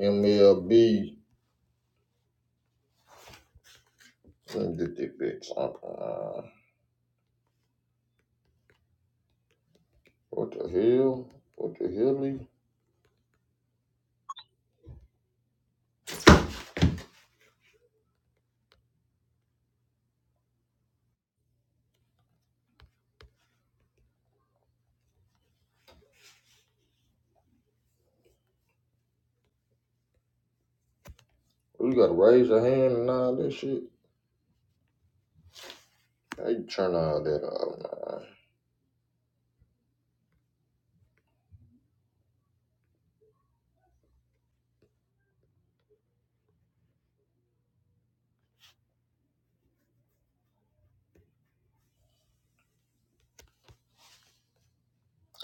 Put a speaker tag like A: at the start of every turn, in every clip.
A: MLB. Let me get that bitch up. Uh, what the hell? What the hell? Lee? We gotta raise a hand and all that shit. How you turn all that off, man?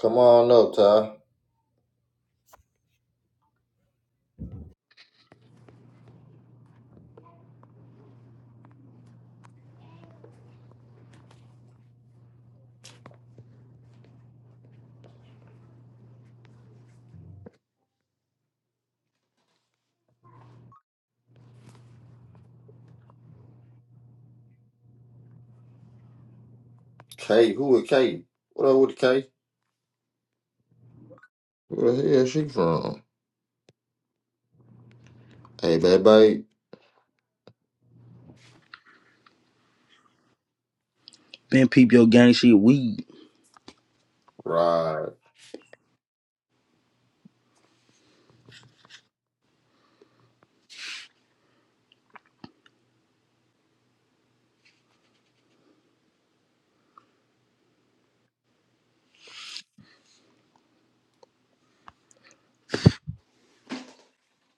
A: Come on up, Ty. Kate, who is Kate? What up with Kate? Where the hell she from? Hey, baby.
B: Been peep your gang shit weed.
A: Right.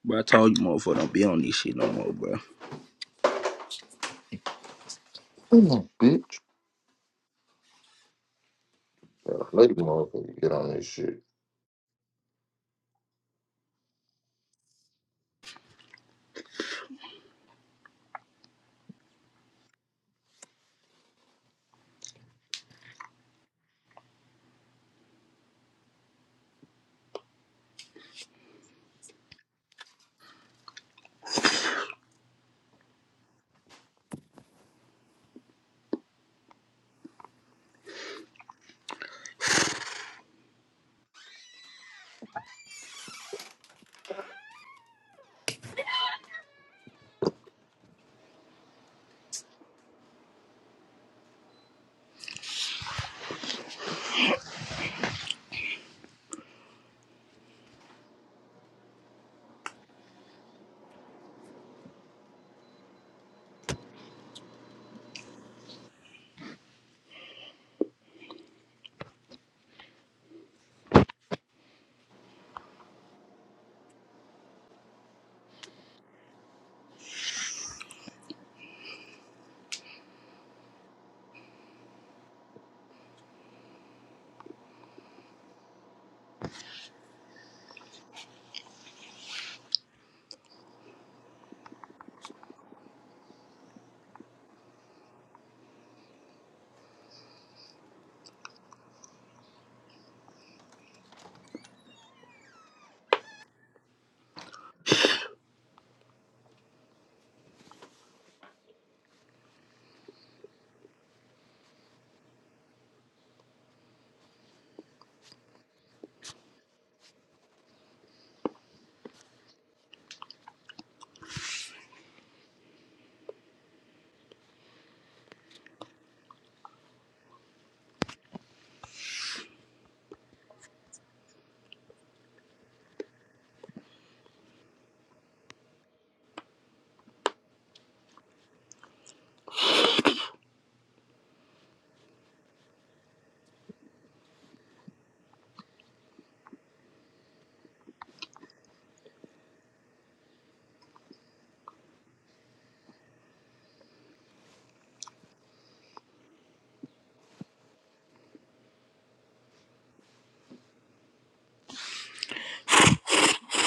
B: Bro, I told you motherfucker don't be on this shit no more, bro.
A: Come on, bitch. Yeah, lady motherfucker, get on this shit.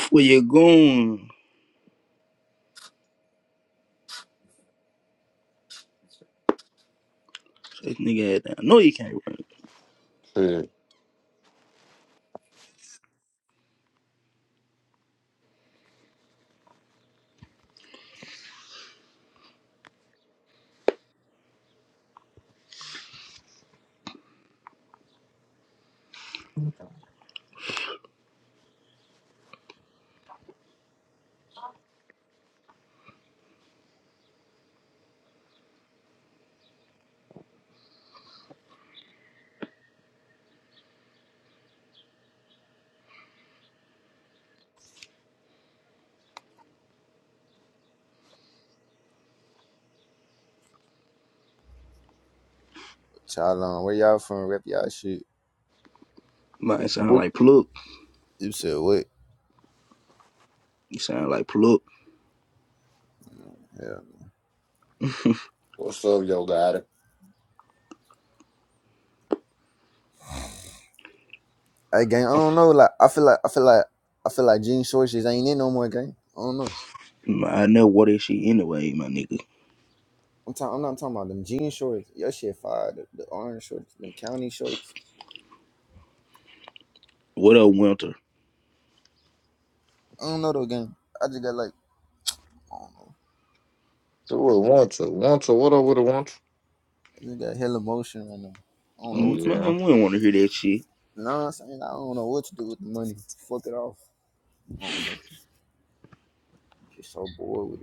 B: Where you going? Shut this nigga head down. No, you can't run.
A: Hey,
C: Chalon, where y'all from? Rep y'all shit.
B: Man, it sound
A: what-
B: like pluck.
C: You said what?
B: You sound like pluck.
C: Yeah.
A: What's up, yo, daddy?
C: Hey gang, I don't know. Like I feel like I feel like I feel like jean shorts just ain't in no more gang. I don't know.
B: Man, I never wore that shit anyway, my nigga.
C: I'm talking. I'm not talking about them jean shorts. Your shit fire. The, the orange shorts, the county shorts.
B: What up, Winter?
C: I don't know though, gang. I just got like I don't know.
A: So what, want to? Want to? What up with the want to?
C: I just got hella motion right now. I don't know
A: Oh,
C: what
B: Mm,
C: to.
A: yeah.
B: Man, we don't want to hear that shit.
C: You know what I'm saying? I don't know what to do with the money. Fuck it off. I don't know. I'm Just so bored with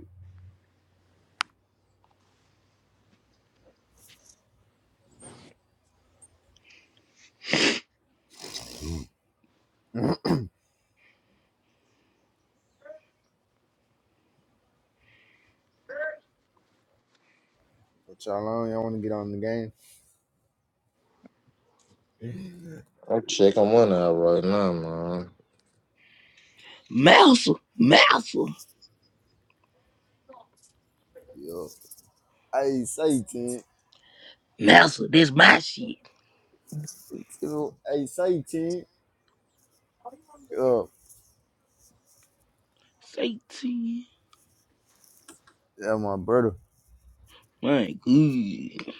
C: it. but y'all on, y'all want to get on the game?
A: I'm checking one out right now,
B: Mouser, Mouser,
C: Yo, Hey, say 10.
B: Mouser, this my shit.
C: So, hey, say ten. Uh,
B: Satan.
C: yeah, my brother.
B: Man, good.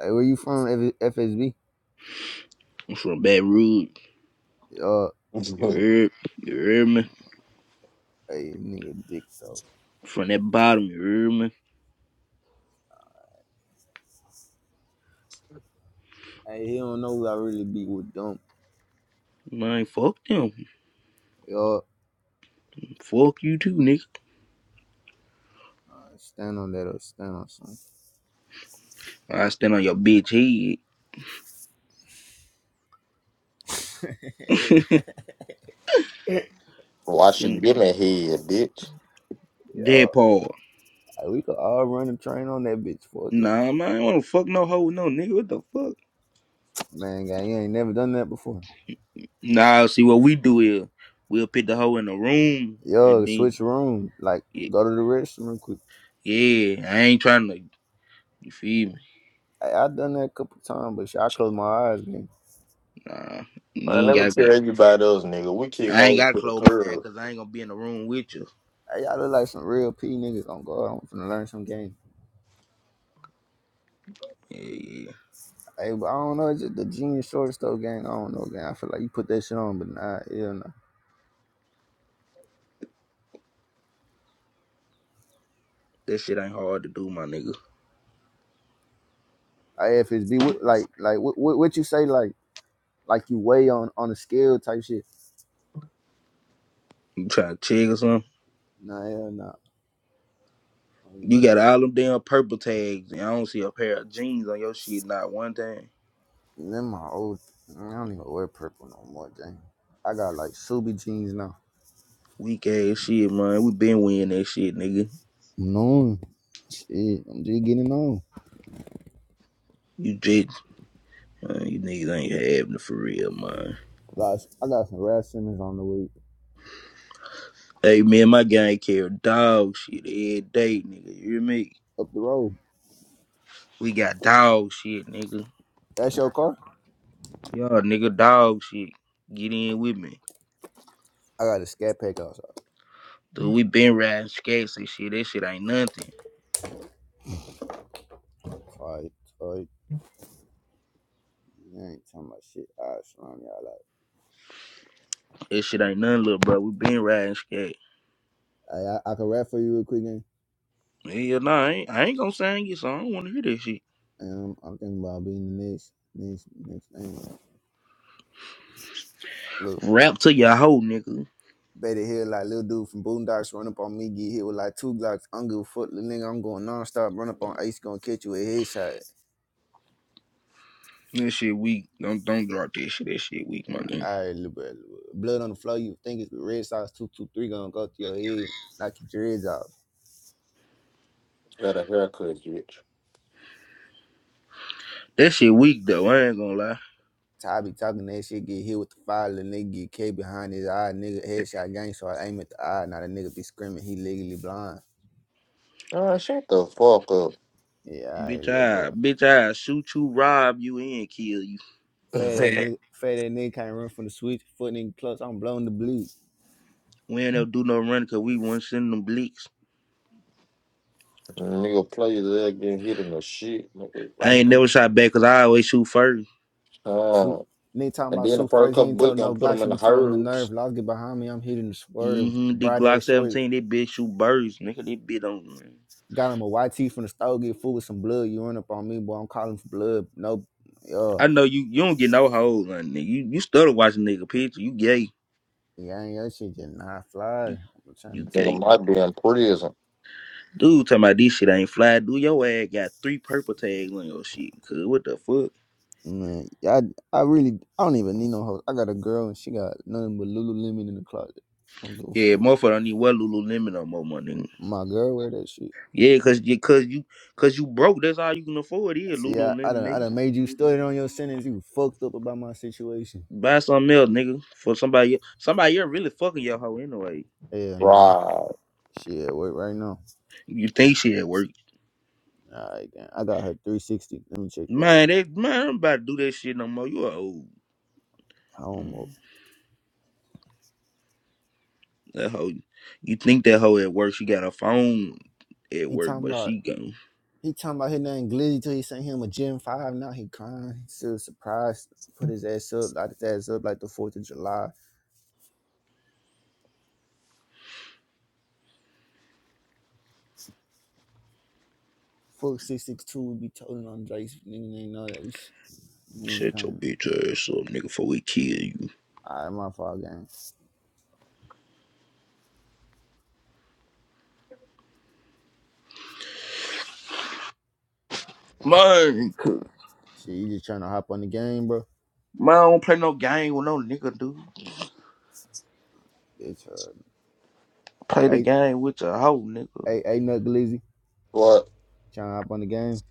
C: Hey, where you from? F- FSB.
B: I'm from Baton Rouge.
C: Uh,
A: man.
B: You heard? You heard me?
C: hey, nigga, dick. So,
B: From that bottom, you heard me?
C: hey, he don't know who I really be with them.
B: Man, fuck them.
C: Yo,
B: Fuck you too, nigga.
C: uh, stand on that or stand on something.
B: I stand on your bitch head.
A: Washing
B: stand
A: your head, bitch.
C: Yo,
B: Deadpool.
C: hey, we could all run a train on that bitch. Fuck it,
B: Nah, man, I don't wanna fuck no hoe, no nigga. What the fuck?
C: man. Guy, you ain't never done that before.
B: Nah, see what we do is we'll put the hoe in the room and
C: Yo,
B: then
C: switch room. Like,
B: yeah,
C: go to the restroom real quick.
B: yeah I ain't trying to you feel me?
C: Hey, I done that a couple times, but shit, I close my eyes, man.
B: Nah, you
A: Man,
B: ain't
A: let me
B: gotta
A: tell
B: get
A: everybody else, nigga. We kick
B: I ain't
A: hoes
B: gotta
A: to the
B: close my ass
A: curb
B: cause I ain't gonna be in the room with you.
C: Hey, y'all look like some real P niggas on God. I'm finna learn some game.
B: Yeah, yeah.
C: Hey, but I don't know. It's just the genius shortstop gang. I don't know, gang. I feel like you put that shit on, but nah, yeah, nah.
B: That shit ain't hard to do, my nigga.
C: I, if it's be what, like, like what, what, what you say, like, like you weigh on on a scale type shit.
B: You try to check or something?
C: Nah, yeah, nah.
B: You got all them damn purple tags and I don't see a pair of jeans on your shit, not one thing.
C: Then my old, I don't even wear purple no more, gang. I got like Subi jeans now.
B: Weak ass shit, man. We been winning that shit, nigga.
C: No, shit, I'm just getting on.
B: You just, man, you niggas ain't having it for real, man.
C: Guys, I got some Rad Simmons on the way
B: Hey, man, my gang carry dog shit every day, nigga. You hear me?
C: up the road.
B: We got dog shit, nigga.
C: That's your car?
B: Y'all nigga dog shit. Get in with me.
C: I got a scat pack outside.
B: Dude, we been riding skates and shit. That shit ain't nothing.
C: All right, all right. You ain't talking about shit. All right, shalom, y'all. out.
B: That shit ain't nothing, little bro. We been riding skates.
C: Hey, I, I, can rap for you real quick, gang.
B: Yeah, nah, I ain't, I ain't gonna sing you, so I don't wanna hear that shit.
C: And I'm, I'm thinking about being the next, next, next thing. Look,
B: Rap to your hoe, nigga.
C: Betty Hill, like little dude from Boondocks, run up on me, get hit with like two Glocks. I'm good foot, little nigga. I'm going nonstop, run up on Ace, gonna catch you with a headshot.
B: That shit weak. Don't don't drop that shit. That shit weak, my nigga.
C: All right, little bit, blood on the floor. You think it's red sauce two two three gonna go to your head, knock your dreads off.
A: at a haircut, bitch.
B: That shit weak though. I ain't gonna lie.
C: I be talking that shit, get hit with the fire, little nigga get K behind his eye, nigga headshot gang, so I aim at the eye. Now the nigga be screaming, he legally blind.
A: Ah, shut the fuck up.
C: Yeah, all right,
B: Bitch,
C: little
B: I
C: bro.
B: bitch, I shoot you, rob you, and kill you.
C: Fat ass nigga, fat ass nigga can't run from the switch. Foot nigga clutch. I'm blowing the bleed.
B: We ain't never do no running cause we wasn't sending them blicks.
A: nigga play his leg getting hit in the shit, nigga.
B: I
C: Rocking
B: ain't
C: them
B: never shot back cause I always shoot first.
A: Uh,
C: shoot. Nigga talking
A: and
C: about
A: then the
C: shoot
A: first
C: first. He
A: couple
C: ain't
A: bullets
C: told
A: gonna
C: no
A: put
C: Glocks.
A: him
C: He
A: in the
C: be told the
A: herbs.
C: nerve. Lost get behind me. I'm hitting the swerve.
B: Mm-hmm. The
C: Bright
B: Glock
C: ass short.
B: 17, that bitch shoot birds, nigga. That bitch don't. Man.
C: Got him a YT from the store. Get food with some blood. You run up on me, boy. I'm calling for blood. No,
B: I
C: yo,
B: know you. You don't get no hoes, man, nigga. You you started watching nigga picture. You gay.
C: yeah, ain't your shit just not fly.
B: You
C: I'm
B: you
C: trying to tell you.
A: Nigga
B: gay.
A: might be in prison.
B: Dude, talking about this shit ain't fly. Dude, your ass got three purple tags on your shit. Cause what the fuck?
C: Man, yeah, I, I really I don't even need no hoes. I got a girl and she got nothing but Lululemon in the closet. I don't give a
B: Yeah,
C: fuck.
B: motherfucker don't need well Lululemon no more, money.
C: My girl wear that shit.
B: Yeah, cause you cause you cause you broke. That's all you can afford is
C: See, I, I
B: Lululemon,
C: done I
B: nigga.
C: done made you stutter on your sentence. You fucked up about my situation.
B: Buy something else, nigga. For somebody el- somebody you're really fucking your hoe anyway.
C: Hell nah.
A: Right.
C: Shit, at work right now.
B: You think she at work.
C: Alright, then. I got her 360. Let me check that out.
B: Man, that man, I'm about to do that shit no more. You are old. Mm,
C: Almost.
B: That hoe you think that hoe at work, she got a phone at
C: He
B: work,
C: talking
B: but
C: about
B: she gone.
C: he talking about his name Glizzy till he sent him a Gen 5. Now he crying. He Still surprised. Put his ass up, light his ass up like the 4th of July. Fuck 662 would be toting on Drake's nigga ain't know that we sh- we ain't
B: Shut your
C: playing.
B: bitch ass up, nigga, before we kill you.
C: Alright, my fault game.
B: Man, cuz-
C: Shit, you just trying to hop on the game, bro.
B: man, I don't play no game with no nigga, dude.
C: Bitch, uh,
B: Play the
C: ain't,
B: game with your hoe, nigga.
C: ain't, ain't nothing glizzy.
A: What?
C: Trying to hop on the game.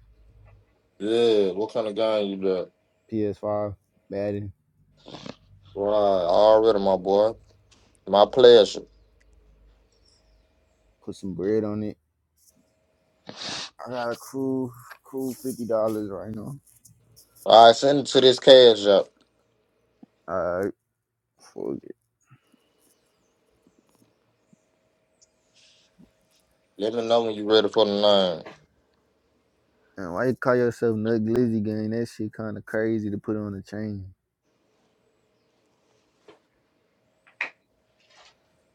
A: Yeah, what kind of gun you got?
C: PS5, Madden,
A: Right, already, my boy. My pleasure.
C: put some bread on it. I got a cool, cool fifty dollars right now.
A: All right, send it to this cash up.
C: Alright, fuck it.
A: Let me know when you ready for the
C: And why you call yourself
A: nine.
C: Nut Glizzy Gang? That shit kinda crazy to put on a chain.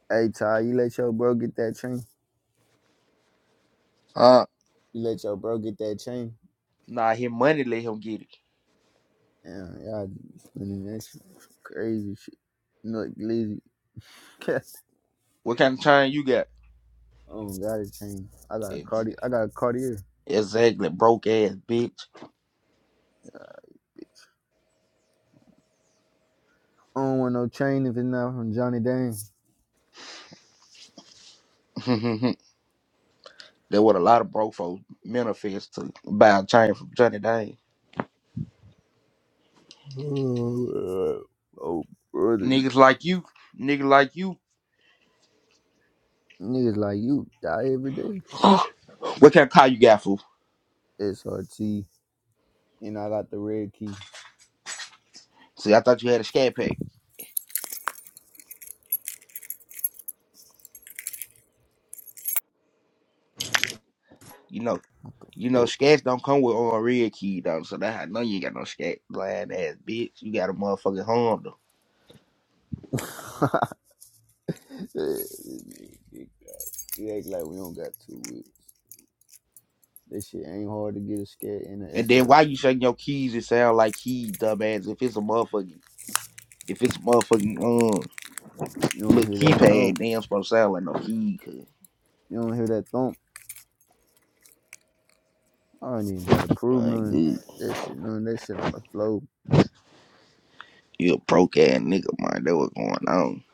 C: Hey Ty, you let your bro get that chain?
B: Uh,
C: You let your bro get that chain?
B: Nah, his money let him get it.
C: Damn, y'all spending that shit. crazy shit. Nut Glizzy. I
B: What kind of time you got?
C: don't got a chain. I got a
B: Ex-
C: Cartier. I got a Cartier.
B: Exactly, broke ass bitch.
C: All right, bitch. I don't want no chain if it's not from Johnny Dane.
B: that what a lot of broke folks manifest to buy a chain from Johnny Dane.
C: Oh, uh, oh, brother,
B: Niggas like you, niggas like you.
C: niggas like you die every day.
B: what kind of car you got, fool?
C: SRT, and I got the red key.
B: See, I thought you had a scat pack. You know, you know,
C: What
B: scats don't come with on a red key, though. So that I know you ain't got no scat, blind ass bitch. You got a motherfucking Honda.
C: the Fuck. This nigga dick act like we don't got two weeks. That shit ain't hard to get a scat in the
B: And then why you
C: SRT.
B: shaking your keys? It sound like keys, dumbass. If it's a motherfucking, if it's a motherfucking, um,
C: You don't
B: Look,
C: hear that
B: keypad,
C: thump.
B: they ain't supposed to sound like no key, cause
C: You don't hear that thump. I don't even gotta prove
B: I ain't
C: nothing.
B: good.
C: That shit, none. That shit on the floor.
B: You a broke ass nigga, man. That was going on.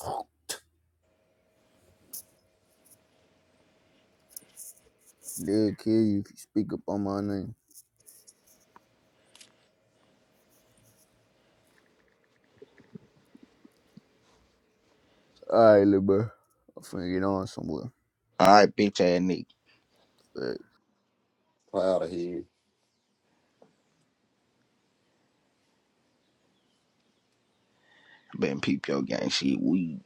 C: They'll kill you if you speak up on my name. All right, little bro. I'm finna get on somewhere.
B: Alright, bitch ass nigga.
C: But
A: Proud of here.
B: Been peep your gang shit, We.